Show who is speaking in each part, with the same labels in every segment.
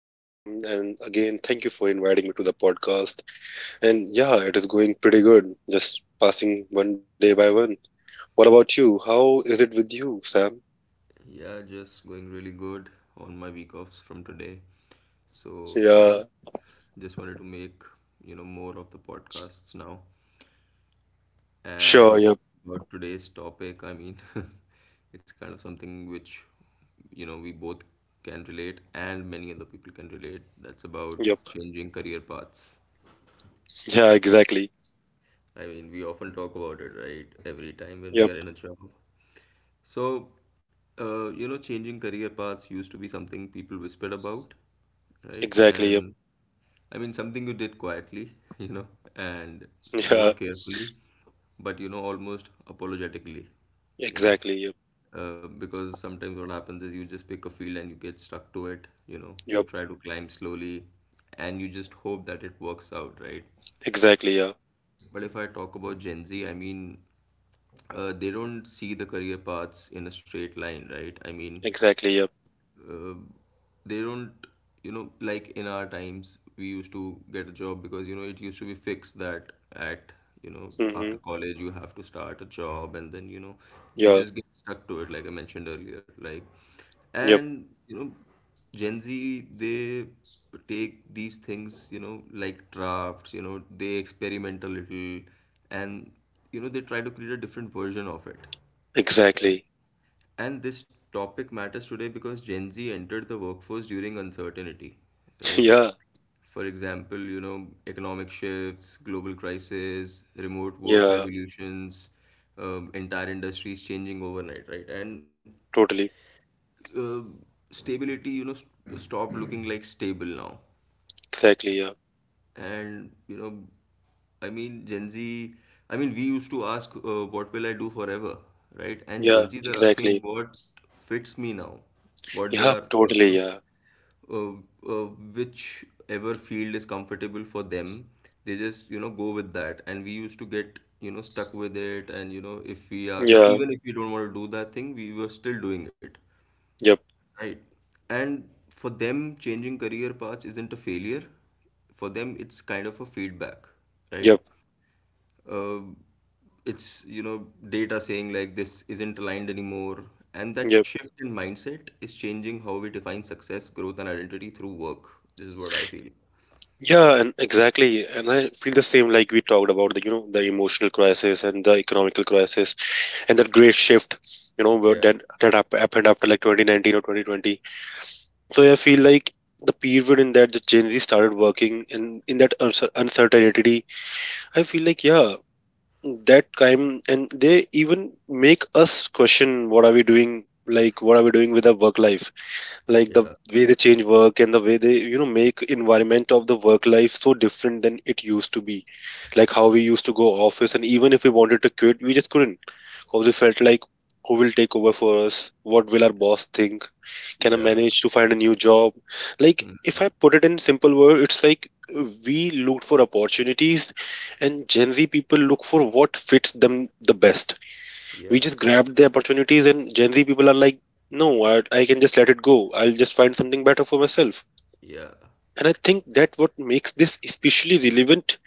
Speaker 1: Hello, Sam, and again, thank you for inviting me to the podcast. And yeah, it is going pretty good, just passing one day by one. What about you? How is it with you, Sam?
Speaker 2: Yeah, just going really good on my week offs from today. So,
Speaker 1: Yeah,
Speaker 2: yeah, just wanted to make, more of the podcasts now.
Speaker 1: sure,
Speaker 2: And
Speaker 1: yep,
Speaker 2: about today's topic, I mean, it's kind of something which, you know, we both can relate and many other people can relate. That's about
Speaker 1: yep,
Speaker 2: changing career paths.
Speaker 1: yeah, exactly,
Speaker 2: I mean, we often talk about it, right? Every time when we
Speaker 1: yep,
Speaker 2: are in a job. So, you know, changing career paths used to be something people whispered about, right?
Speaker 1: exactly, yep,
Speaker 2: And I mean, something you did quietly, you know, and more
Speaker 1: yeah,
Speaker 2: carefully, but you know, almost apologetically, you know,
Speaker 1: exactly, yep,
Speaker 2: because sometimes what happens is you just pick a field and you get stuck to it, you know, you
Speaker 1: yep,
Speaker 2: try to climb slowly and you just hope that it works out, right?
Speaker 1: exactly, yeah,
Speaker 2: But if I talk about Gen Z, I mean, they don't see the career paths in a straight line, right? I mean,
Speaker 1: exactly, yep,
Speaker 2: uh, they don't you know like in our times we used to get a job because you know it used to be fixed that at you know
Speaker 1: mm-hmm,
Speaker 2: after college you have to start a job and then you know you
Speaker 1: yeah,
Speaker 2: just get stuck to it like I mentioned earlier like
Speaker 1: yep,
Speaker 2: and you know Gen Z they take these things you know like drafts you know they experiment a little and you know they try to create a different version of it, right?
Speaker 1: exactly,
Speaker 2: And this topic matters today because Gen Z entered the workforce during uncertainty, right?
Speaker 1: yeah,
Speaker 2: For example, you know, economic shifts, global crisis, remote work
Speaker 1: yeah,
Speaker 2: revolutions, entire industries changing overnight, right? And
Speaker 1: totally,
Speaker 2: uh, stability, you know, st stopped looking like stable now.
Speaker 1: exactly, yeah,
Speaker 2: And you know, I mean Gen Z, I mean we used to ask, what will I do forever, right? And Gen
Speaker 1: yeah,
Speaker 2: Z's are asking
Speaker 1: exactly,
Speaker 2: what fits me now, what they are,
Speaker 1: yep,
Speaker 2: you
Speaker 1: totally,
Speaker 2: know,
Speaker 1: yeah,
Speaker 2: uh, uh, whichever field is comfortable for them, they just you know go with that, and we used to get you know stuck with it, and you know if we are,
Speaker 1: yeah,
Speaker 2: even if we don't want to do that thing, we were still doing it.
Speaker 1: yep,
Speaker 2: Right. And for them, changing career paths isn't a failure. For them, it's kind of a feedback, right?
Speaker 1: yep.
Speaker 2: Uh, it's, you know, data saying like this isn't aligned anymore. And that
Speaker 1: Yep.
Speaker 2: shift in mindset is changing how we define success, growth, and identity through work. This is what I feel.
Speaker 1: Yeah, and exactly, and I feel the same. Like, we talked about the emotional crisis and the economical crisis, and that great shift, you know, where
Speaker 2: Yeah.
Speaker 1: that happened after like 2019 or 2020. So I feel like the period in that the Gen Z started working in that uncertainty. I feel like, yeah, that time, and they even make us question what are we doing, like what are we doing with our work life, like the
Speaker 2: Yeah.
Speaker 1: way they change work and the way they, you know, make environment of the work life so different than it used to be, like how we used to go office. And even if we wanted to quit, we just couldn't because we felt like who will take over for us, what will our boss think, can I
Speaker 2: Yeah.
Speaker 1: manage to find a new job? Like, if I
Speaker 2: Mhm.
Speaker 1: put it in simple word, it's like we looked for opportunities and Gen Z people look for what fits them the best. We
Speaker 2: Yeah.
Speaker 1: just grabbed the opportunities and Gen Z people are like, no, I can just let it go, I'll just find something better for myself.
Speaker 2: Yeah.
Speaker 1: And I think that what makes this especially relevant,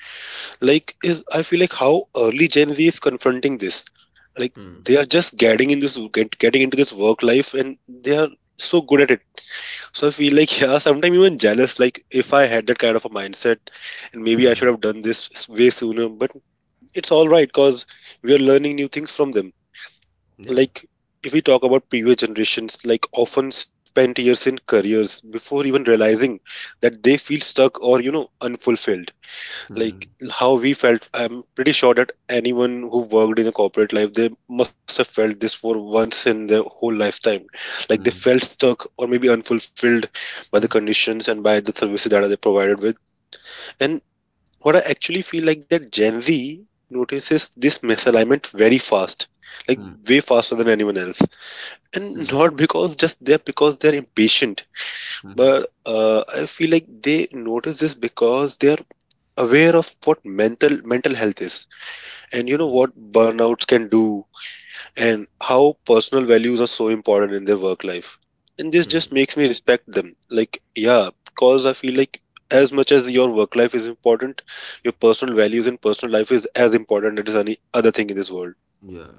Speaker 1: like, is I feel like how early Gen Z is confronting this. Like,
Speaker 2: Hmm.
Speaker 1: they are just getting in this getting into this work life, and they are so good at it. So I feel like yeah, sometimes even jealous, like if I had that kind of a mindset. And maybe I should
Speaker 2: Hmm.
Speaker 1: have done this way sooner, but it's all right because we are learning new things from them.
Speaker 2: Yeah.
Speaker 1: Like, if we talk about previous generations, like, often spent years in careers before even realizing that they feel stuck or, you know, unfulfilled.
Speaker 2: Hmm.
Speaker 1: Like how we felt, I'm pretty sure that anyone who worked in a corporate life, they must have felt this for once in their whole lifetime. Like, they
Speaker 2: Hmm.
Speaker 1: felt stuck or maybe unfulfilled by the
Speaker 2: Hmm.
Speaker 1: conditions and by the services that are they provided with. And what I actually feel like that Gen Z notices this misalignment very fast. Like,
Speaker 2: Hmm.
Speaker 1: way faster than anyone else.
Speaker 2: Hmm.
Speaker 1: And not because just they're, because they're impatient,
Speaker 2: Hmm.
Speaker 1: but I feel like they notice this because they are aware of what mental health is. And, you know,
Speaker 2: Hmm.
Speaker 1: what burnouts can do and how personal values are so important in their work life. And this
Speaker 2: Hmm.
Speaker 1: just makes me respect them, like, yeah, because I feel like as much as your work life is important, your personal values and personal life is as important as any other thing in this world.
Speaker 2: Yeah.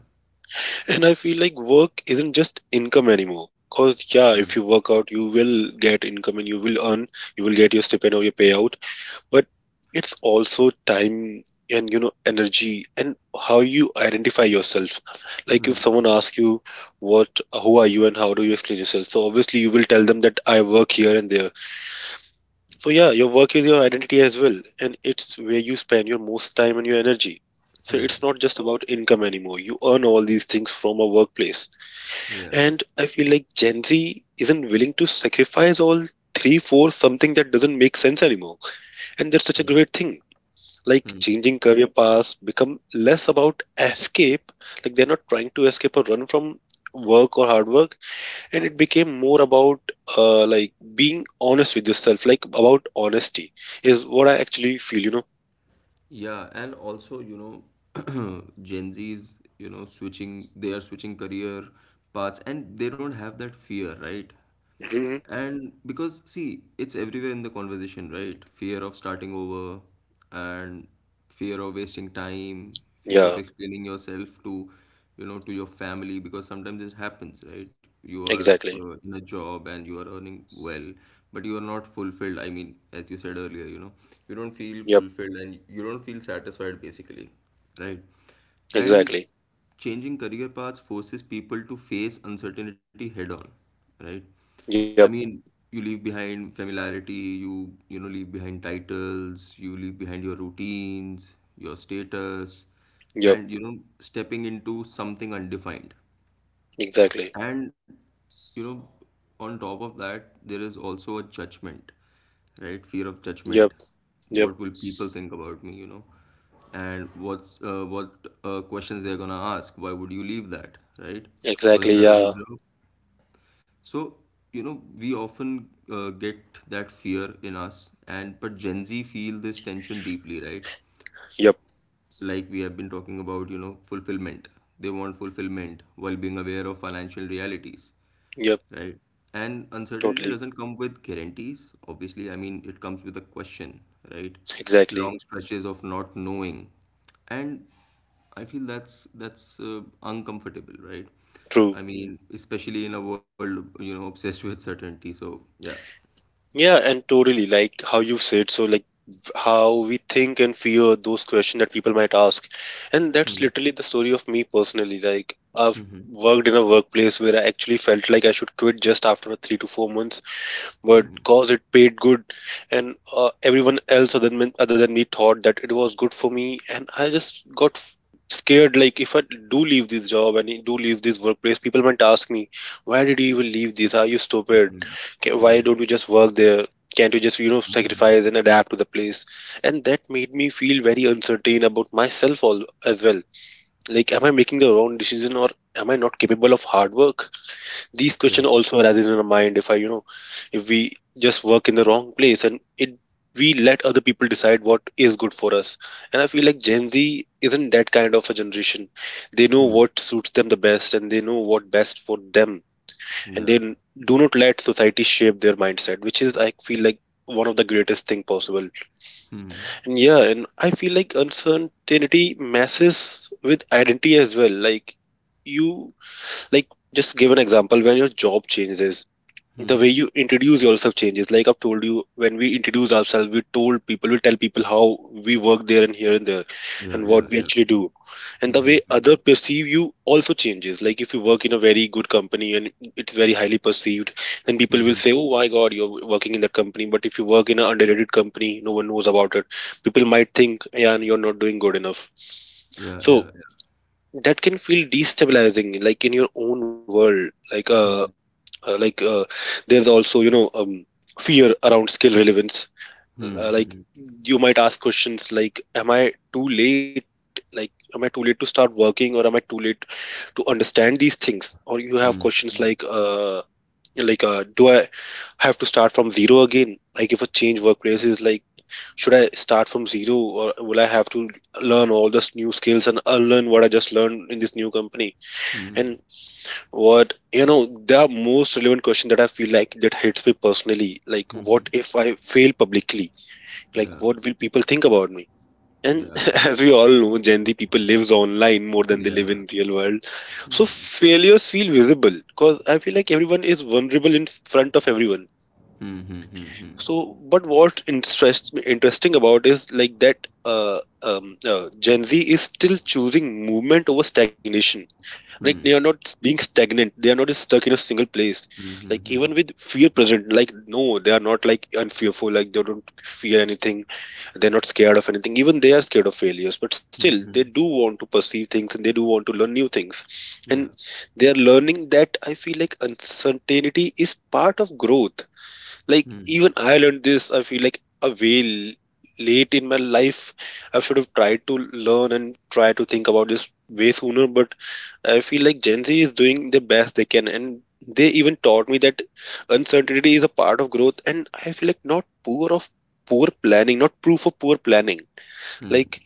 Speaker 1: And I feel like work isn't just income anymore. Because, yeah,
Speaker 2: Hmm.
Speaker 1: if you work out, you will get income and you will earn, you will get your stipend or your payout. But it's also time and, you know, energy and how you identify yourself. Like, if
Speaker 2: Mm-hmm.
Speaker 1: someone asks you, what, who are you and how do you explain yourself? So obviously you will tell them that I work here and there. So yeah, your work is your identity as well. And it's where you spend your most time and your energy. So it's not just about income anymore. You earn all these things from a workplace.
Speaker 2: Yeah.
Speaker 1: And I feel like Gen Z isn't willing to sacrifice all three for something that doesn't make sense anymore. And that's such a
Speaker 2: Mm.
Speaker 1: great thing. Like, changing career paths become less about escape. Like, they're not trying to escape or run from work or hard work. And it became more about, like, being honest with yourself. Like, about honesty is what I actually feel, you know.
Speaker 2: Yeah, and also, you know, Gen Zs, you know, switching, they are switching career paths and they don't have that fear, right?
Speaker 1: Hmm.
Speaker 2: And because, see, it's everywhere in the conversation, right? Fear of starting over and fear of wasting time, fear of
Speaker 1: Yeah,
Speaker 2: explaining yourself to, you know, to your family because sometimes it happens, right? You are, in
Speaker 1: exactly.
Speaker 2: a job and you are earning well, but you are not fulfilled. I mean, as you said earlier, you know, you don't feel
Speaker 1: Yep,
Speaker 2: fulfilled and you don't feel satisfied basically, right? And
Speaker 1: exactly.
Speaker 2: changing career paths forces people to face uncertainty head on, right? I
Speaker 1: Yep,
Speaker 2: mean, you leave behind familiarity, you know leave behind titles, you leave behind your routines, your status, and
Speaker 1: yep,
Speaker 2: you know stepping into something undefined.
Speaker 1: exactly.
Speaker 2: And you know, on top of that, there is also a judgment, right? Fear of judgment.
Speaker 1: Yep, yep,
Speaker 2: What will people think about me? You know, and what questions they're gonna ask? Why would you leave that? Right? Wasn't
Speaker 1: exactly.
Speaker 2: that a good
Speaker 1: Yeah.
Speaker 2: job? So, you know, we often get that fear in us, and but Gen Z feel this tension deeply, right?
Speaker 1: Yep.
Speaker 2: Like we have been talking about, you know, fulfillment. They want fulfillment while being aware of financial realities,
Speaker 1: Yep,
Speaker 2: right? And uncertainty
Speaker 1: totally.
Speaker 2: doesn't come with guarantees, obviously. I mean, it comes with a question, right?
Speaker 1: Exactly.
Speaker 2: Long stretches of not knowing. And I feel that's uncomfortable, right?
Speaker 1: True.
Speaker 2: I mean, especially in a world, you know, obsessed with certainty. So, yeah.
Speaker 1: Yeah, and totally like how you said, so like, how we think and fear those questions that people might ask. And that's
Speaker 2: Hmm.
Speaker 1: literally the story of me personally. Like, I've
Speaker 2: Hmm.
Speaker 1: worked in a workplace where I actually felt like I should quit just after 3 to 4 months, but cause it paid good and everyone else, other than me thought that it was good for me. And I just got scared, like, if I do leave this job and I do leave this workplace, people might ask me, why did you even leave this, are you
Speaker 2: Hmm.
Speaker 1: stupid,
Speaker 2: Hmm.
Speaker 1: Why
Speaker 2: Hmm.
Speaker 1: don't you just work there, can't you just, you know,
Speaker 2: Hmm. Hmm.
Speaker 1: sacrifice and adapt to the place. And that made me feel very uncertain about myself, all as well. Like, am I making the wrong decision, or am I not capable of hard work? These
Speaker 2: Yeah.
Speaker 1: questions also arises in our mind, if I, you know, if we just work in the wrong place and it, we let other people decide what is good for us. And I feel like Gen Z isn't that kind of a generation. They know
Speaker 2: Hmm.
Speaker 1: what suits them the best and they know what best for them. And they
Speaker 2: Yeah.
Speaker 1: do not let society shape their mindset, which is, I feel like, one of the greatest thing possible.
Speaker 2: Hmm.
Speaker 1: And yeah, and I feel like uncertainty messes with identity as well. Like, you, like, just give an example, when your job changes,
Speaker 2: Hmm.
Speaker 1: the
Speaker 2: Hmm.
Speaker 1: way you introduce yourself changes. Like, I've told you when we introduce ourselves, we told people, we tell people how we work there and here and there,
Speaker 2: Yeah,
Speaker 1: and
Speaker 2: yeah,
Speaker 1: what we
Speaker 2: yeah.
Speaker 1: actually do. And the way
Speaker 2: Mhm,
Speaker 1: other perceive you also changes. Like, if you work in a very good company and it's very highly perceived, then people
Speaker 2: mhm.
Speaker 1: will say, oh my god, you're working in that company. But if you work in an underrated company, no one knows about it, people might think, yeah, you're not doing good enough.
Speaker 2: Yeah,
Speaker 1: So
Speaker 2: yeah, yeah.
Speaker 1: that can feel destabilizing, like, in your own world, like,
Speaker 2: Mhm,
Speaker 1: like, there's also, you know, fear around skill relevance. Like,
Speaker 2: mhm,
Speaker 1: you might ask questions like, am I too late, like, am I too late to start working, or am I too late to understand these things? Or you have
Speaker 2: mhm,
Speaker 1: questions like, like, do I have to start from zero again, like, if a change workplace is like, should I start from zero, or will I have to learn all this new skills and unlearn what I just learned in this new company?
Speaker 2: mhm,
Speaker 1: And what, you know, the most relevant question that I feel like that hits me personally, like
Speaker 2: mhm.
Speaker 1: what if I fail publicly?
Speaker 2: Yeah,
Speaker 1: Like, what will people think about me? And
Speaker 2: yeah,
Speaker 1: as we all know, Gen Z people lives online more than they live
Speaker 2: yeah.
Speaker 1: in real world. So
Speaker 2: Mhm,
Speaker 1: failures feel visible because I feel like everyone is vulnerable in front of everyone.
Speaker 2: mhm, mhm,
Speaker 1: So, but interesting about is like that Gen Z is still choosing movement over stagnation. Like, they are
Speaker 2: mhm.
Speaker 1: not being stagnant. They are not stuck in a single place.
Speaker 2: Mhm,
Speaker 1: Like, even
Speaker 2: mhm,
Speaker 1: with fear present, like, no, they are not like unfearful. Like, they don't fear anything. They're not scared of anything. Even they are scared of failures. But still,
Speaker 2: mhm,
Speaker 1: they do
Speaker 2: mhm.
Speaker 1: want to perceive things and they do want to learn new things. And
Speaker 2: Yeah.
Speaker 1: they are learning that, I feel like, uncertainty is part of growth. Like,
Speaker 2: Mhm,
Speaker 1: even I learned this, I feel like, a way late in my life. I should have tried to learn and try to think about this way sooner, but I feel like Gen Z is doing the best they can, and they even taught me that uncertainty is a part of growth. And I feel like, not poor of poor planning not proof of poor planning.
Speaker 2: mhm.
Speaker 1: Like,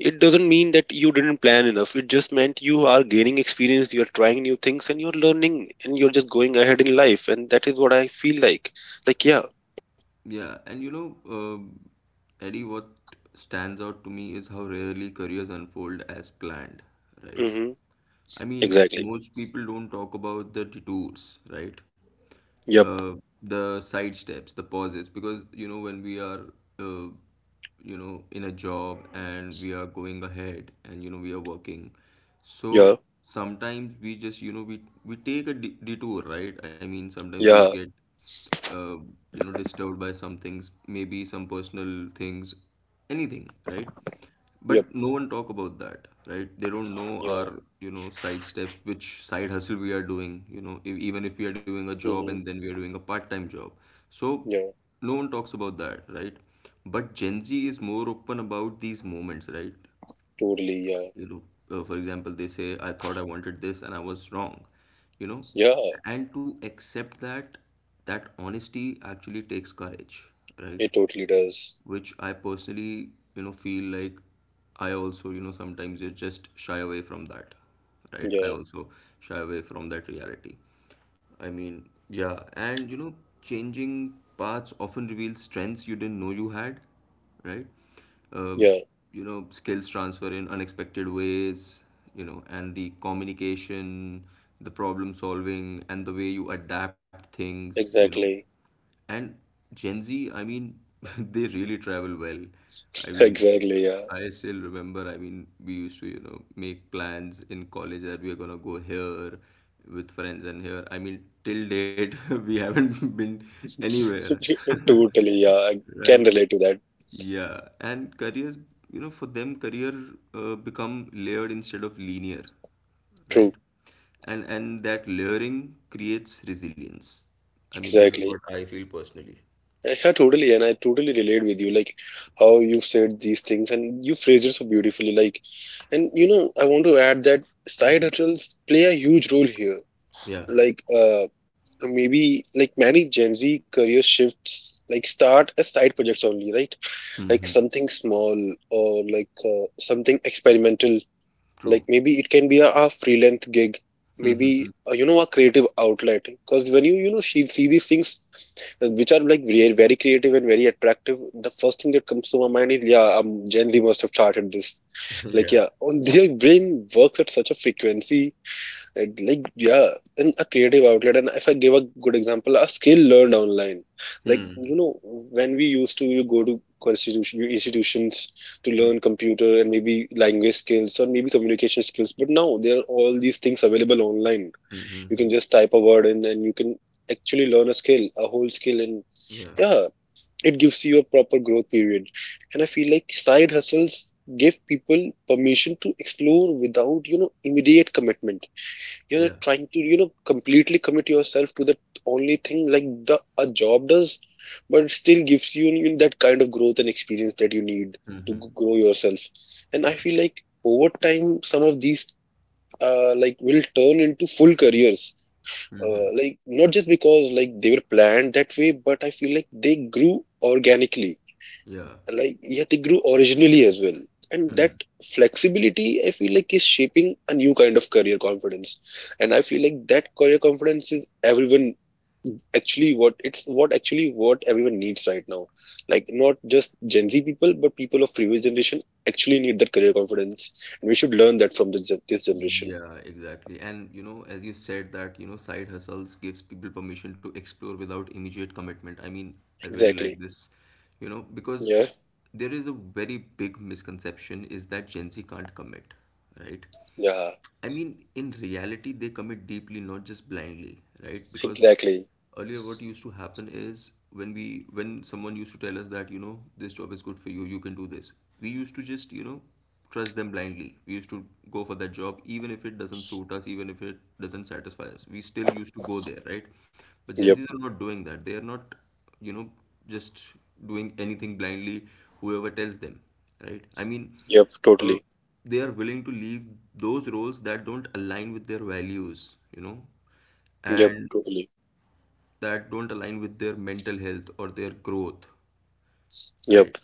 Speaker 1: it doesn't mean that you didn't plan enough, it just meant you are gaining experience, you're trying new things, and you're learning, and you're just going ahead in life. And that is what I feel like. Like, yeah.
Speaker 2: Yeah, and you know, Eddie, what stands out to me is how rarely careers unfold as planned, right?
Speaker 1: Mhm.
Speaker 2: I mean,
Speaker 1: Exactly.
Speaker 2: most people don't talk about the detours, right?
Speaker 1: Yep.
Speaker 2: uh, the side steps, the pauses, because you know when we are, uh, you know, in a job and we are going ahead and you know we are working,
Speaker 1: Yeah.
Speaker 2: so sometimes we just you know we take a detour, right? I mean sometimes we
Speaker 1: Yeah.
Speaker 2: get, uh, you know, disturbed by some things, maybe some personal things, anything, right?
Speaker 1: Yep.
Speaker 2: But no one talk about that, right? They don't know
Speaker 1: Yeah.
Speaker 2: our, you know, side steps, which side hustle we are doing, you know, if, even if we are doing a job and
Speaker 1: Mm-hmm.
Speaker 2: then we are doing a part-time job. So
Speaker 1: Yeah.
Speaker 2: no one talks about that, right? But Gen Z is more open about these moments, right?
Speaker 1: Totally. Yeah.
Speaker 2: You know, for example, they say, I thought I wanted this and I was wrong, you know,
Speaker 1: Yeah.
Speaker 2: and to accept that, that honesty actually takes courage, right?
Speaker 1: It totally does.
Speaker 2: Which I personally, you know, feel like I also, you know, sometimes you just shy away from that, right? I
Speaker 1: Yeah.
Speaker 2: also shy away from that reality. I mean, yeah, and you know, changing paths often reveals strengths you didn't know you had, right? Uh,
Speaker 1: Yeah.
Speaker 2: you know, skills transfer in unexpected ways, you know, and the communication, the problem solving, and the way you adapt things, you know,
Speaker 1: Exactly.
Speaker 2: and Gen Z, I mean, they really travel well. I mean,
Speaker 1: Exactly. Yeah.
Speaker 2: I still remember, I mean, we used to, you know, make plans in college that we are gonna go here with friends and here. I mean, till date, we haven't been anywhere.
Speaker 1: Totally. Yeah. I can
Speaker 2: Right.
Speaker 1: relate to that.
Speaker 2: Yeah, and careers, you know, for them, career become layered instead of linear, right?
Speaker 1: True.
Speaker 2: And that layering creates resilience. I mean, this is what
Speaker 1: Exactly.
Speaker 2: I feel personally.
Speaker 1: Yeah, totally. And I totally relate with you. Like, how you've said these things and you phrased it so beautifully. Like, and you know, I want to add that side hustles play a huge role here.
Speaker 2: Yeah.
Speaker 1: Like, maybe like many Gen Z career shifts like start as side projects only, right? Like,
Speaker 2: Mm-hmm.
Speaker 1: something small or like something experimental. Like
Speaker 2: True.
Speaker 1: maybe it can be a freelance gig, maybe you know a creative outlet. Because when you know she see these things which are like very creative and very attractive, the first thing that comes to my mind is yeah, Gen Z must have started this. Like
Speaker 2: Yeah.
Speaker 1: yeah, on their brain works at such a frequency and like yeah, and a creative outlet. And if I give a good example, a skill learned online, like
Speaker 2: Hmm.
Speaker 1: you know when we used to you go to constitution institutions to
Speaker 2: Hmm.
Speaker 1: learn computer and maybe language skills or maybe communication skills, but now there are all these things available online.
Speaker 2: Hmm. Hmm.
Speaker 1: You
Speaker 2: Hmm.
Speaker 1: can just type a word in and you can actually learn a skill, a whole skill, and
Speaker 2: Yeah.
Speaker 1: yeah, it gives you a proper growth period. And I feel like side hustles give people permission to explore without you know immediate commitment. You're
Speaker 2: Yeah.
Speaker 1: trying to you know completely commit yourself to that only thing like the a job does, but it still gives you, you know, that kind of growth and experience that you need to grow yourself. And I
Speaker 2: Yeah.
Speaker 1: feel like over time some of these like will turn into full careers,
Speaker 2: Mm-hmm.
Speaker 1: like not just because like they were planned that way, but I feel like they grew organically.
Speaker 2: Yeah.
Speaker 1: Like yeah, they grew originally as well. And that
Speaker 2: Hmm.
Speaker 1: flexibility I feel like is shaping a new kind of career confidence, and I feel like that career confidence is everyone actually what everyone needs right now. Like not just Gen Z people, but people of previous generation actually need that career confidence, and we should learn that from the, this generation.
Speaker 2: Yeah, exactly. And you know, as you said that, you know, side hustles gives people permission to explore without immediate commitment. I mean, I really like
Speaker 1: Exactly.
Speaker 2: this, you know, because
Speaker 1: Yeah.
Speaker 2: there is a very big misconception is that Gen Z can't commit, right?
Speaker 1: Yeah,
Speaker 2: I mean, in reality, they commit deeply, not just blindly, right? Because
Speaker 1: exactly.
Speaker 2: earlier, what used to happen is when we, when someone used to tell us that, you know, this job is good for you, you can do this. We used to just, you know, trust them blindly. We used to go for that job, even if it doesn't suit us, even if it doesn't satisfy us. We still used to go there, right? But Gen Zs
Speaker 1: Yep.
Speaker 2: are not doing that. They are not you know just doing anything blindly whoever tells them, right? I mean,
Speaker 1: Yep,
Speaker 2: uh,
Speaker 1: totally.
Speaker 2: they are willing to leave those roles that don't align with their values, you know,
Speaker 1: Yep,
Speaker 2: and
Speaker 1: totally.
Speaker 2: that don't align with their mental health or their growth, right?
Speaker 1: Yep.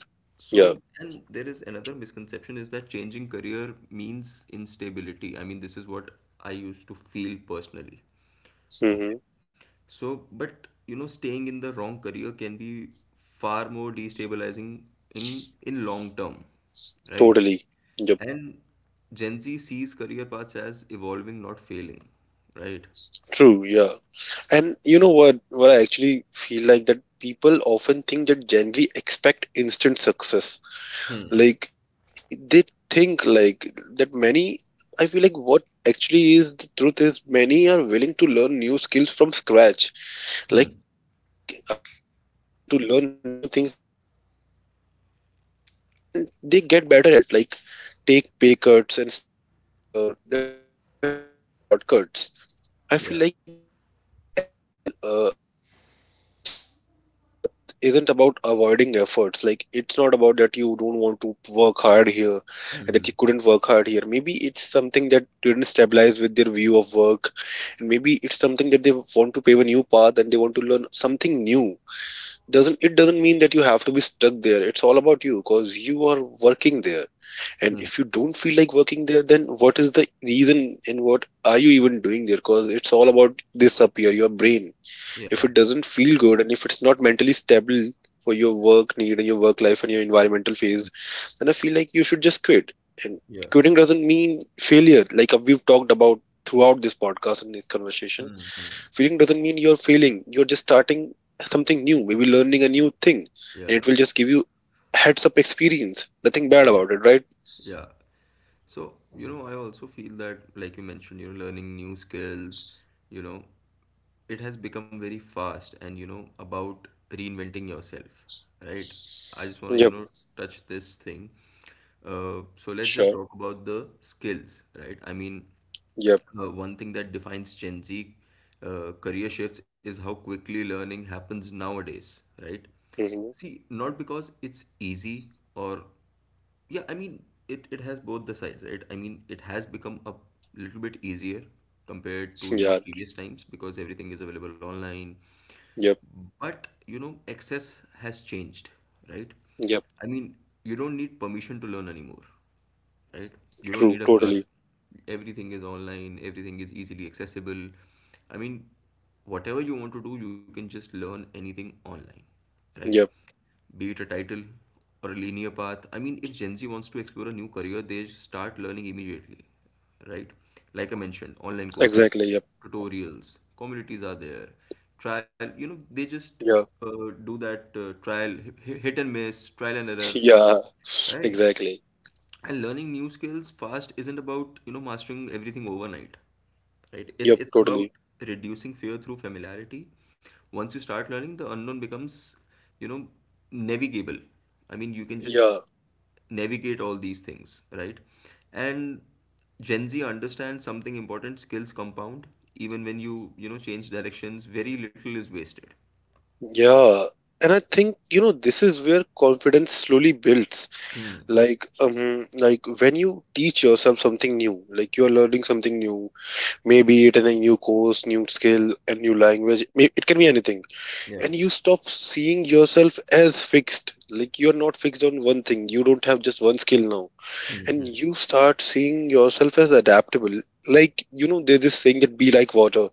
Speaker 2: So,
Speaker 1: Yeah.
Speaker 2: and there is another misconception is that changing career means instability. I mean, this is what I used to feel personally, okay?
Speaker 1: Hmm.
Speaker 2: So, but you know, staying in the wrong career can be far more destabilizing in long term, right?
Speaker 1: Totally. Yep.
Speaker 2: And Gen Z sees career paths as evolving, not failing, right?
Speaker 1: True. Yeah. And you know what? What I actually feel like that people often think that Gen Z expect instant success.
Speaker 2: Hmm.
Speaker 1: Like they think like that many. I feel like what actually is the truth is many are willing to learn new skills from scratch.
Speaker 2: Hmm.
Speaker 1: Like I've seen people to learn new things which are they're not even you know familiar with, and they get better at it. Like take pay cuts and start smaller. They're not chasing shortcuts. I feel like they're
Speaker 2: Yeah.
Speaker 1: chasing actual alignments. Like changing career path isn't about avoiding efforts. Like it's not about that you don't want to work hard here, and that you couldn't work hard here. Maybe it's something that didn't stabilize with their view of work, and maybe it's something that they want to pave a new path and they want to learn something new. Doesn't it doesn't mean that you have to be stuck there. It's all about you, because you are working there, and
Speaker 2: Hmm.
Speaker 1: if you don't feel like working there, then what is the reason and what are you even doing there? Because it's all about this up here, your brain.
Speaker 2: Yeah.
Speaker 1: If it doesn't feel good and if it's not mentally stable for your work need and your work life and your environmental phase, then I feel like you should just quit. And
Speaker 2: Yeah.
Speaker 1: quitting doesn't mean failure, like we've talked about throughout this podcast and this conversation.
Speaker 2: Hmm. Hmm.
Speaker 1: Quitting doesn't mean you're failing, you're just starting something new, maybe learning a new thing, and it
Speaker 2: Yeah.
Speaker 1: will just give you heads up experience. Nothing bad
Speaker 2: Yeah.
Speaker 1: about it, right?
Speaker 2: Yeah. So, you know, I also feel that, like you mentioned, you know, learning new skills, you know, it has become very fast and, you know, about reinventing yourself, right? I just want to, you
Speaker 1: Yep,
Speaker 2: know, touch this thing. So let's just
Speaker 1: sure.
Speaker 2: talk about the skills, right? I mean,
Speaker 1: Yep.
Speaker 2: one thing that defines Gen Z career shifts is how quickly learning happens nowadays, right?
Speaker 1: Hmm.
Speaker 2: See, not because it's easy or yeah I mean it has both the sides, right? I mean it has become a little bit easier compared to you know
Speaker 1: Yeah.
Speaker 2: previous times because everything is available online,
Speaker 1: Yep.
Speaker 2: but you know access has changed, right?
Speaker 1: Yep.
Speaker 2: I mean you don't need permission to learn anymore, right? You don't need a
Speaker 1: True.
Speaker 2: classroom.
Speaker 1: Totally.
Speaker 2: Everything is online, everything is easily accessible. I mean, whatever you want to do, you can just learn anything online, right?
Speaker 1: Yep.
Speaker 2: Be it a title or a linear path. I mean, if Gen Z wants to explore a new career, they start learning immediately, right? Like I mentioned, online courses,
Speaker 1: Exactly. Yep.
Speaker 2: tutorials, communities are there. Trial, they just
Speaker 1: Yeah.
Speaker 2: do that trial, hit and miss, trial and error,
Speaker 1: Yeah,
Speaker 2: right?
Speaker 1: exactly.
Speaker 2: And learning new skills fast isn't about mastering everything overnight, right? it's
Speaker 1: Yep,
Speaker 2: it's about
Speaker 1: totally.
Speaker 2: reducing fear through familiarity. Once you start learning, the unknown becomes, you know navigable. I mean, you can just
Speaker 1: Yeah,
Speaker 2: navigate all these things, right? And Gen Z understands something important: skills compound even when you know change directions. Very little is wasted.
Speaker 1: yeah. And I think, you know, this is where confidence slowly builds.
Speaker 2: Hmm.
Speaker 1: Like when you teach yourself something new, like you are learning something new, maybe it in a new course, new skill, a new language, it can be anything.
Speaker 2: Yeah.
Speaker 1: And you stop seeing yourself as fixed. Like you're not fixed on one thing. You don't have just one skill now.
Speaker 2: Hmm.
Speaker 1: And
Speaker 2: Hmm.
Speaker 1: you start seeing yourself as adaptable. Like, you know, there's this saying that be like water.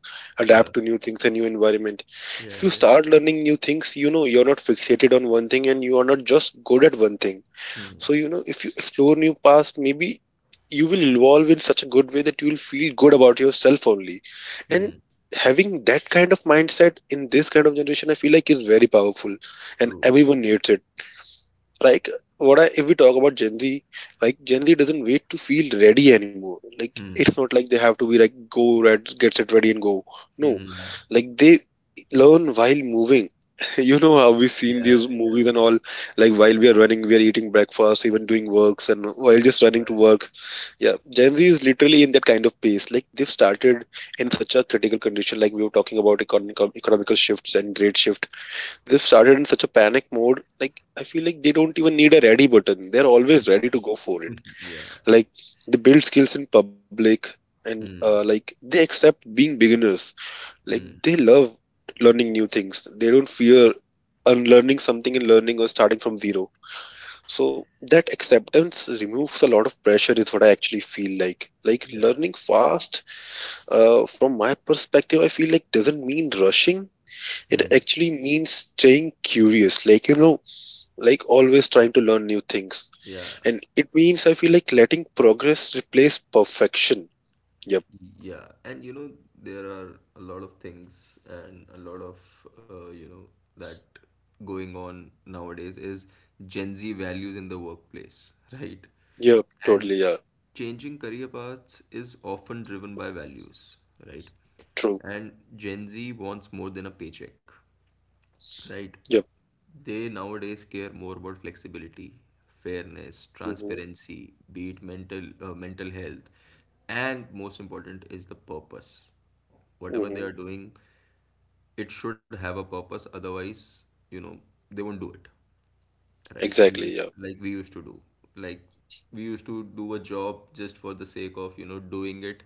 Speaker 2: Yeah,
Speaker 1: Adapt to new things and new environment.
Speaker 2: yeah,
Speaker 1: If you
Speaker 2: yeah. Yeah.
Speaker 1: start learning new things, you know, you're not fixated on one thing and you are not just good at one thing.
Speaker 2: Hmm.
Speaker 1: So you know if you explore new paths, maybe you will evolve in such a good way that you will feel good about yourself only. And
Speaker 2: Hmm.
Speaker 1: having that kind of mindset in this kind of generation I feel like is very powerful, and
Speaker 2: True.
Speaker 1: everyone needs it. Like what I, if we talk about Gen Z, like Gen Z doesn't wait to feel ready anymore. Like
Speaker 2: Hmm.
Speaker 1: it's not like they have to be like go red, get set ready and go. No,
Speaker 2: Mm,
Speaker 1: like they learn while moving. You know how we've seen
Speaker 2: yeah,
Speaker 1: these movies and all, like while we are running, we are eating breakfast, even doing works, and while just running to work. Yeah, Gen Z is literally in that kind of pace. Like they've started in such a critical condition, like we were talking about economical shifts and great shift. They've started in such a panic mode. Like I feel like they don't even need a ready button. They're always ready to go for it.
Speaker 2: yeah,
Speaker 1: Like they build skills in public, and
Speaker 2: mm,
Speaker 1: like they accept being beginners. Like
Speaker 2: mm,
Speaker 1: they love learning new things. They don't fear unlearning something and learning or starting from zero. So that acceptance removes a lot of pressure is what I actually feel like. Like
Speaker 2: yeah,
Speaker 1: learning fast, from my perspective, I feel like doesn't mean rushing.
Speaker 2: mm,
Speaker 1: It actually means staying curious. Like, you know, like always trying to learn new things.
Speaker 2: yeah,
Speaker 1: And it means I feel like letting progress replace perfection. Yep.
Speaker 2: yeah. And you know, there are a lot of things and a lot of, uh, you know, that going on nowadays is Gen Z values in the workplace, right?
Speaker 1: Yep. Totally.
Speaker 2: And
Speaker 1: Yeah.
Speaker 2: changing career paths is often driven by values, right?
Speaker 1: True.
Speaker 2: And Gen Z wants more than a paycheck, right?
Speaker 1: Yep.
Speaker 2: They nowadays care more about flexibility, fairness,
Speaker 1: Mm-hmm.
Speaker 2: transparency, be it mental health, and most important is the purpose. Whatever they
Speaker 1: Mm-hmm.
Speaker 2: are doing, it should have a purpose. Otherwise, you know, they won't do it, right? I mean,
Speaker 1: Exactly. Yeah.
Speaker 2: like we used to do, like we used to do a job just for the sake of doing it,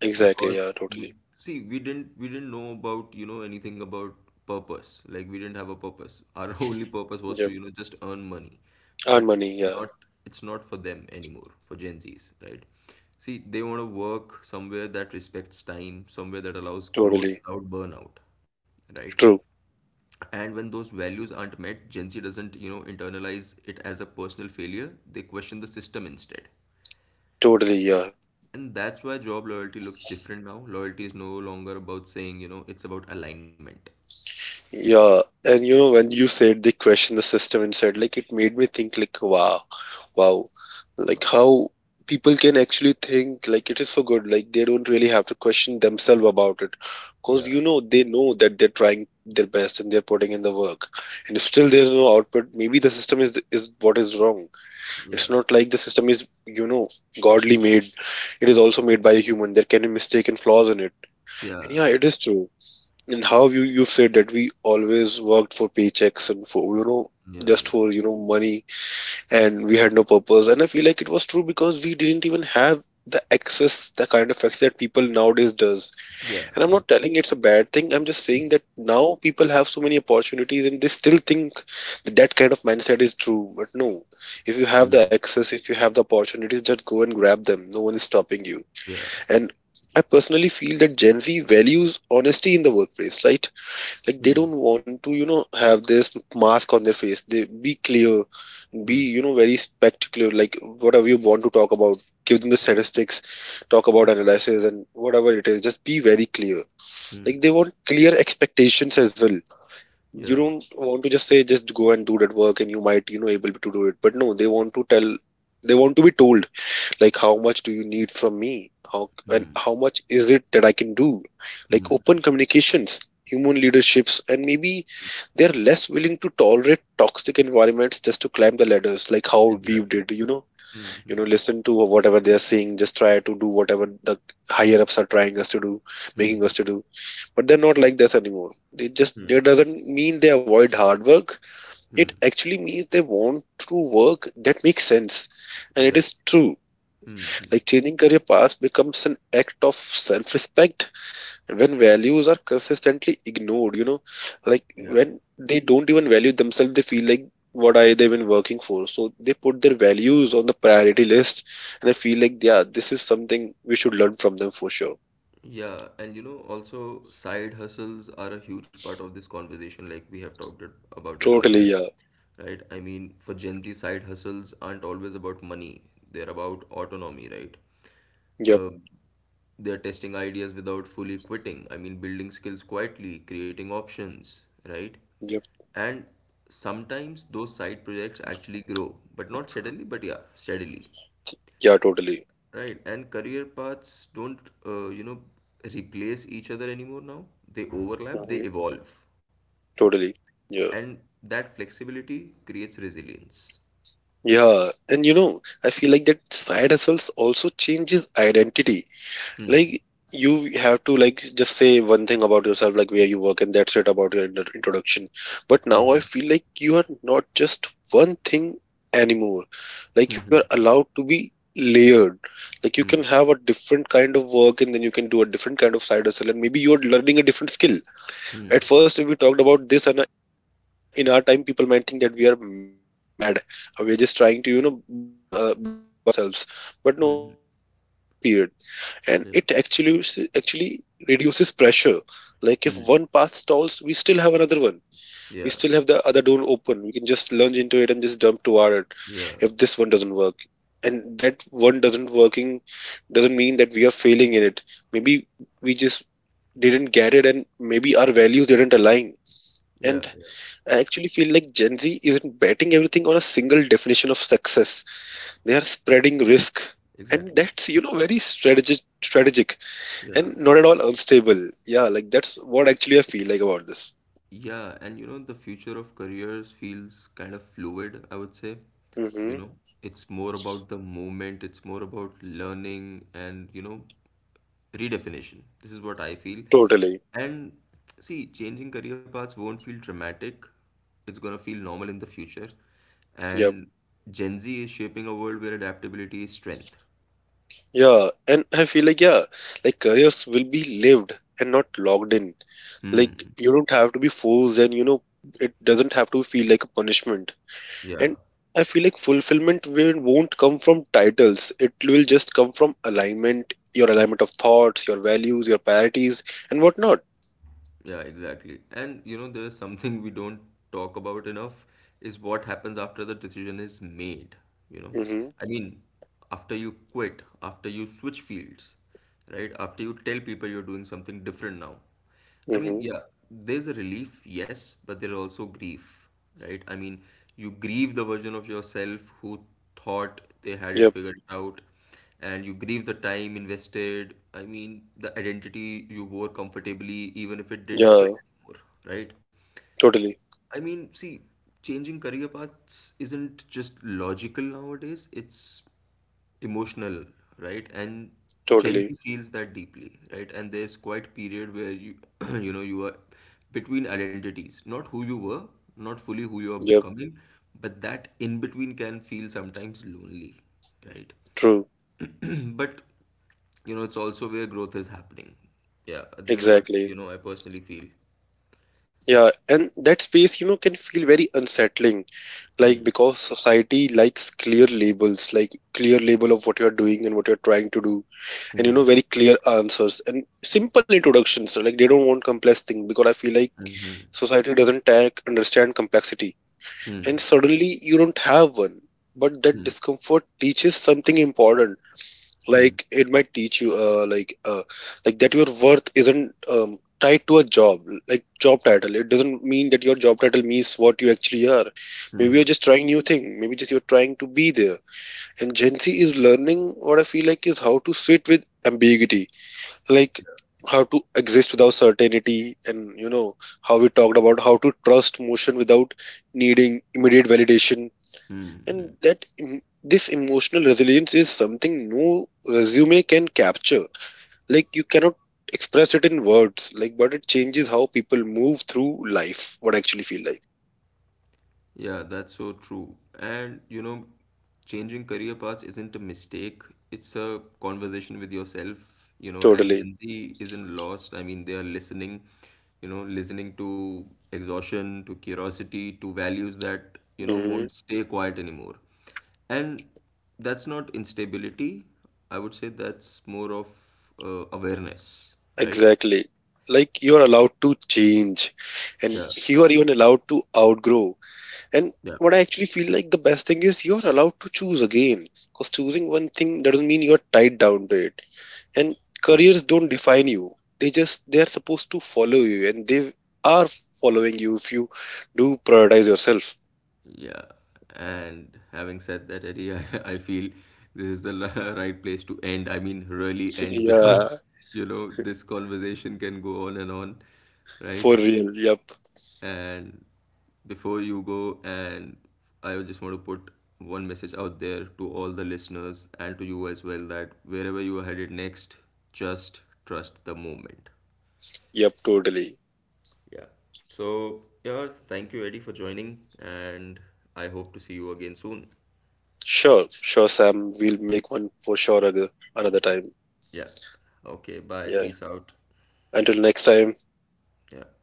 Speaker 1: Exactly.
Speaker 2: because
Speaker 1: Yeah.
Speaker 2: we,
Speaker 1: Totally.
Speaker 2: see we didn't know about, anything about purpose. Like we didn't have a purpose. Our only purpose was to,
Speaker 1: Yep.
Speaker 2: just earn money.
Speaker 1: Earn
Speaker 2: But it's
Speaker 1: money. Yeah.
Speaker 2: not, it's not for them anymore, for Gen Z's, right? See, they want to work somewhere that respects time, somewhere that allows growth
Speaker 1: Totally.
Speaker 2: without burnout, right?
Speaker 1: True.
Speaker 2: And when those values aren't met, Gen Z doesn't, internalize it as a personal failure. They question the system instead.
Speaker 1: Totally. Yeah.
Speaker 2: And that's why job loyalty looks different now. Loyalty is no longer about saying, you know, it's about alignment.
Speaker 1: Yeah, and you know when you said they questioned the system and said, like it made me think like wow, wow, like how people can actually think like it is so good, like they don't really have to question themselves about it, because
Speaker 2: Yeah.
Speaker 1: you know they know that they're trying their best and they're putting in the work. And if still there's no output, maybe the system is what is wrong. It's
Speaker 2: Yeah.
Speaker 1: not like the system is you know godly made. It is also made by a human. There can be mistake and flaws in it. And
Speaker 2: Yeah.
Speaker 1: yeah, it is true. And how you said that we always worked for paychecks and for you know
Speaker 2: Yeah.
Speaker 1: just for you know money, and we had no purpose. And I feel like it was true, because we didn't even have the access, the kind of access that people nowadays does.
Speaker 2: Yeah.
Speaker 1: And I'm
Speaker 2: Yeah.
Speaker 1: not telling it's a bad thing, I'm just saying that now people have so many opportunities and they still think that that kind of mindset is true, but no, if you have the
Speaker 2: Mm.
Speaker 1: access, if you have the opportunities, just go and grab them. No one is stopping you.
Speaker 2: Yeah.
Speaker 1: And I personally feel that Gen Z values honesty in the workplace, right? Like
Speaker 2: Hmm.
Speaker 1: they don't want to you know have this mask on their face. They be clear, be
Speaker 2: Hmm.
Speaker 1: you know very spectacular, like whatever you want to talk about, give them the statistics, talk about analysis and whatever it is, just be very clear.
Speaker 2: Hmm.
Speaker 1: Like they want clear expectations as well.
Speaker 2: Yeah.
Speaker 1: You don't want to just say just go and do that work and you might you know able to do it, but no, they want to tell, they want to be told, like how much do you need from me, how, and
Speaker 2: Hmm.
Speaker 1: how much is it that I can do. Like
Speaker 2: Hmm.
Speaker 1: open
Speaker 2: Hmm.
Speaker 1: communications, human leaderships, and maybe they're less willing to tolerate toxic environments just to climb the ladders like how we
Speaker 2: Exactly.
Speaker 1: did, you know,
Speaker 2: Hmm.
Speaker 1: you
Speaker 2: Hmm.
Speaker 1: know listen to whatever they're saying, just try to do whatever the higher ups are trying us to do,
Speaker 2: Hmm.
Speaker 1: making
Speaker 2: Hmm.
Speaker 1: us to do. But they're not like this anymore. They just,
Speaker 2: Hmm.
Speaker 1: that doesn't mean they avoid hard work.
Speaker 2: Mm.
Speaker 1: It actually means they want to work that makes sense, and it
Speaker 2: Exactly.
Speaker 1: is true.
Speaker 2: Hmm. Hmm.
Speaker 1: Like changing career paths becomes an act of self-respect. And when values are consistently ignored, you know, like
Speaker 2: Yeah.
Speaker 1: when they don't even value themselves, they feel like what are they even working for? So they put their values on the priority list, and I feel like yeah, this is something we should learn from them for sure.
Speaker 2: Yeah. And you know, also side hustles are a huge part of this conversation, like we have talked it, about it earlier.
Speaker 1: Totally, yeah.
Speaker 2: Right? I mean, for Gen Z, side hustles aren't always about money, they're about autonomy, right?
Speaker 1: Yep.
Speaker 2: Uh, they're testing ideas without fully quitting. I mean, building skills quietly, creating options, right?
Speaker 1: Yep.
Speaker 2: And sometimes those side projects actually grow, but not suddenly, but yeah, steadily,
Speaker 1: Yeah. Totally.
Speaker 2: right? And career paths don't, uh, you know, replace each other anymore now. They overlap, they
Speaker 1: Hmm.
Speaker 2: evolve.
Speaker 1: Totally. Yeah.
Speaker 2: And that flexibility creates resilience.
Speaker 1: Yeah. And you know, I feel like that side hustles also changes identity.
Speaker 2: Hmm.
Speaker 1: Like you have to like just say one thing about yourself, like where you work, and that's it about your introduction. But now I feel like you are not just one thing anymore. Like
Speaker 2: Hmm.
Speaker 1: you are
Speaker 2: Hmm.
Speaker 1: allowed to be layered. Like you can
Speaker 2: Hmm.
Speaker 1: have a different kind of work, and then you can do a different kind of side hustle, and maybe you're learning a different skill.
Speaker 2: Hmm.
Speaker 1: At first if we talked about this, and in our time people might think that we are mad or we're just trying to you know burn out ourselves. But no, this is true in today's period, and it
Speaker 2: Yeah.
Speaker 1: actually reduces pressure. Like if one path
Speaker 2: Mm.
Speaker 1: stalls, we still have another one. We still have the
Speaker 2: Yeah.
Speaker 1: other door open. We can just lunge into it and just dump toward it. If
Speaker 2: Yeah.
Speaker 1: this one doesn't work and that one doesn't working, doesn't mean that we are failing in it. Maybe we just didn't get it and maybe our values didn't align.
Speaker 2: Yeah.
Speaker 1: And
Speaker 2: Yeah.
Speaker 1: I actually feel like Gen Z isn't betting everything on a single definition of success. They are spreading risk,
Speaker 2: Exactly.
Speaker 1: and that's you know very strategic,
Speaker 2: Yeah.
Speaker 1: and not at all unstable. Yeah, like that's what actually I feel like about this.
Speaker 2: Yeah. And you know, the future of careers feels kind of fluid, I would say. You know,
Speaker 1: Mm-hmm.
Speaker 2: it's more about the movement, it's more about learning and, you know, redefinition. This is what I feel.
Speaker 1: Totally.
Speaker 2: And see, changing career paths won't feel dramatic. It's gonna feel normal in the future.
Speaker 1: Yep.
Speaker 2: And Gen Z is shaping a world where adaptability is strength.
Speaker 1: Yeah. And I feel like, yeah, like careers will be lived and not logged in. Like
Speaker 2: Hmm.
Speaker 1: you don't have to be forced, and, you know, it doesn't have to feel like a punishment.
Speaker 2: Yeah.
Speaker 1: And I feel like won't come from titles. It will just come from alignment, your alignment of thoughts, your values, your priorities, and whatnot.
Speaker 2: Yeah, exactly. And you know, there is something we don't talk about enough, is what happens after the decision is made, you know.
Speaker 1: Mm-hmm.
Speaker 2: I mean, after you quit, after you switch fields, right? After you tell people you're doing something different now. I mean,
Speaker 1: Mm-hmm.
Speaker 2: yeah, there's a relief, yes, but there's also grief, right? I mean, you grieve the version of yourself who thought they had it
Speaker 1: Yep.
Speaker 2: figured out, and you grieve the time invested. I mean, the identity you wore comfortably, even if it didn't
Speaker 1: Yeah.
Speaker 2: fit anymore, right?
Speaker 1: Totally.
Speaker 2: I mean, see, changing career paths isn't just logical nowadays, it's emotional, right? And Gen
Speaker 1: Totally.
Speaker 2: Z feels that deeply, right? And there's quite a period where you, you know, you are between identities, not who you were, not fully who you are
Speaker 1: Yep.
Speaker 2: becoming, but that in between can feel sometimes lonely, right?
Speaker 1: True.
Speaker 2: But you know, it's also where growth is happening. Yeah, this is what,
Speaker 1: Exactly.
Speaker 2: you know, I personally feel.
Speaker 1: Yeah, and that space, you know, can feel very unsettling, like
Speaker 2: Hmm.
Speaker 1: because society likes clear labels, like clear label of what you're doing and what you're trying to do, and you
Speaker 2: Hmm.
Speaker 1: know, very clear answers and simple introductions. So, like they don't want complex things, because I feel like
Speaker 2: Mhm.
Speaker 1: society doesn't take, understand complexity,
Speaker 2: Hmm.
Speaker 1: and suddenly you don't have one. But that
Speaker 2: Hmm.
Speaker 1: discomfort teaches something important.
Speaker 2: Hmm.
Speaker 1: Like it might teach you like that your worth isn't tied to a job, like job title. It doesn't mean that your job title means what you actually are. Maybe
Speaker 2: Hmm.
Speaker 1: you're just trying new thing, maybe just you're trying to be there. And Gen Z is learning what I feel like is how to sit with ambiguity. Like how to exist without certainty, and you know how we talked about how to trust motion without needing immediate validation.
Speaker 2: Hmm. Hmm.
Speaker 1: And that this emotional resilience is something no resume can capture. Like you cannot express it in words, like but it changes how people move through life, what I actually feel like.
Speaker 2: Yeah, that's so true. And you know, changing career paths isn't a mistake. It's a conversation with yourself, you know, and
Speaker 1: Totally.
Speaker 2: Gen Z isn't lost. I mean, they are listening, you know, listening to exhaustion, to curiosity, to values that, you know,
Speaker 1: Hmm.
Speaker 2: won't stay quiet anymore. And that's not instability. I would say that's more of awareness, right?
Speaker 1: Exactly. Like you are allowed to change, and
Speaker 2: Yeah,
Speaker 1: you are even allowed to outgrow. And
Speaker 2: yeah,
Speaker 1: what I actually feel like the best thing is you're allowed to choose again, because choosing one thing doesn't mean you're tied down to it. And
Speaker 2: true.
Speaker 1: careers don't define you. They just, they are supposed to follow you, and they are following you if you do prioritize yourself.
Speaker 2: Yeah, and having said that, Eddie, I, I feel this is the right place to end. I mean, really end
Speaker 1: Yeah.
Speaker 2: because, you know, this conversation can go on and on, right?
Speaker 1: For real. Yep.
Speaker 2: And before you go, and I just want to put one message out there to all the listeners and to you as well, that wherever you are headed next, just trust the moment.
Speaker 1: Yep, totally.
Speaker 2: Yeah. So, yeah, thank you, Eddie, for joining, and I hope to see you again soon.
Speaker 1: Sure. Sure, Sam, we'll make one for sure, another time.
Speaker 2: Yeah. Okay. Bye.
Speaker 1: Yeah,
Speaker 2: Peace out.
Speaker 1: until next time.
Speaker 2: Yeah.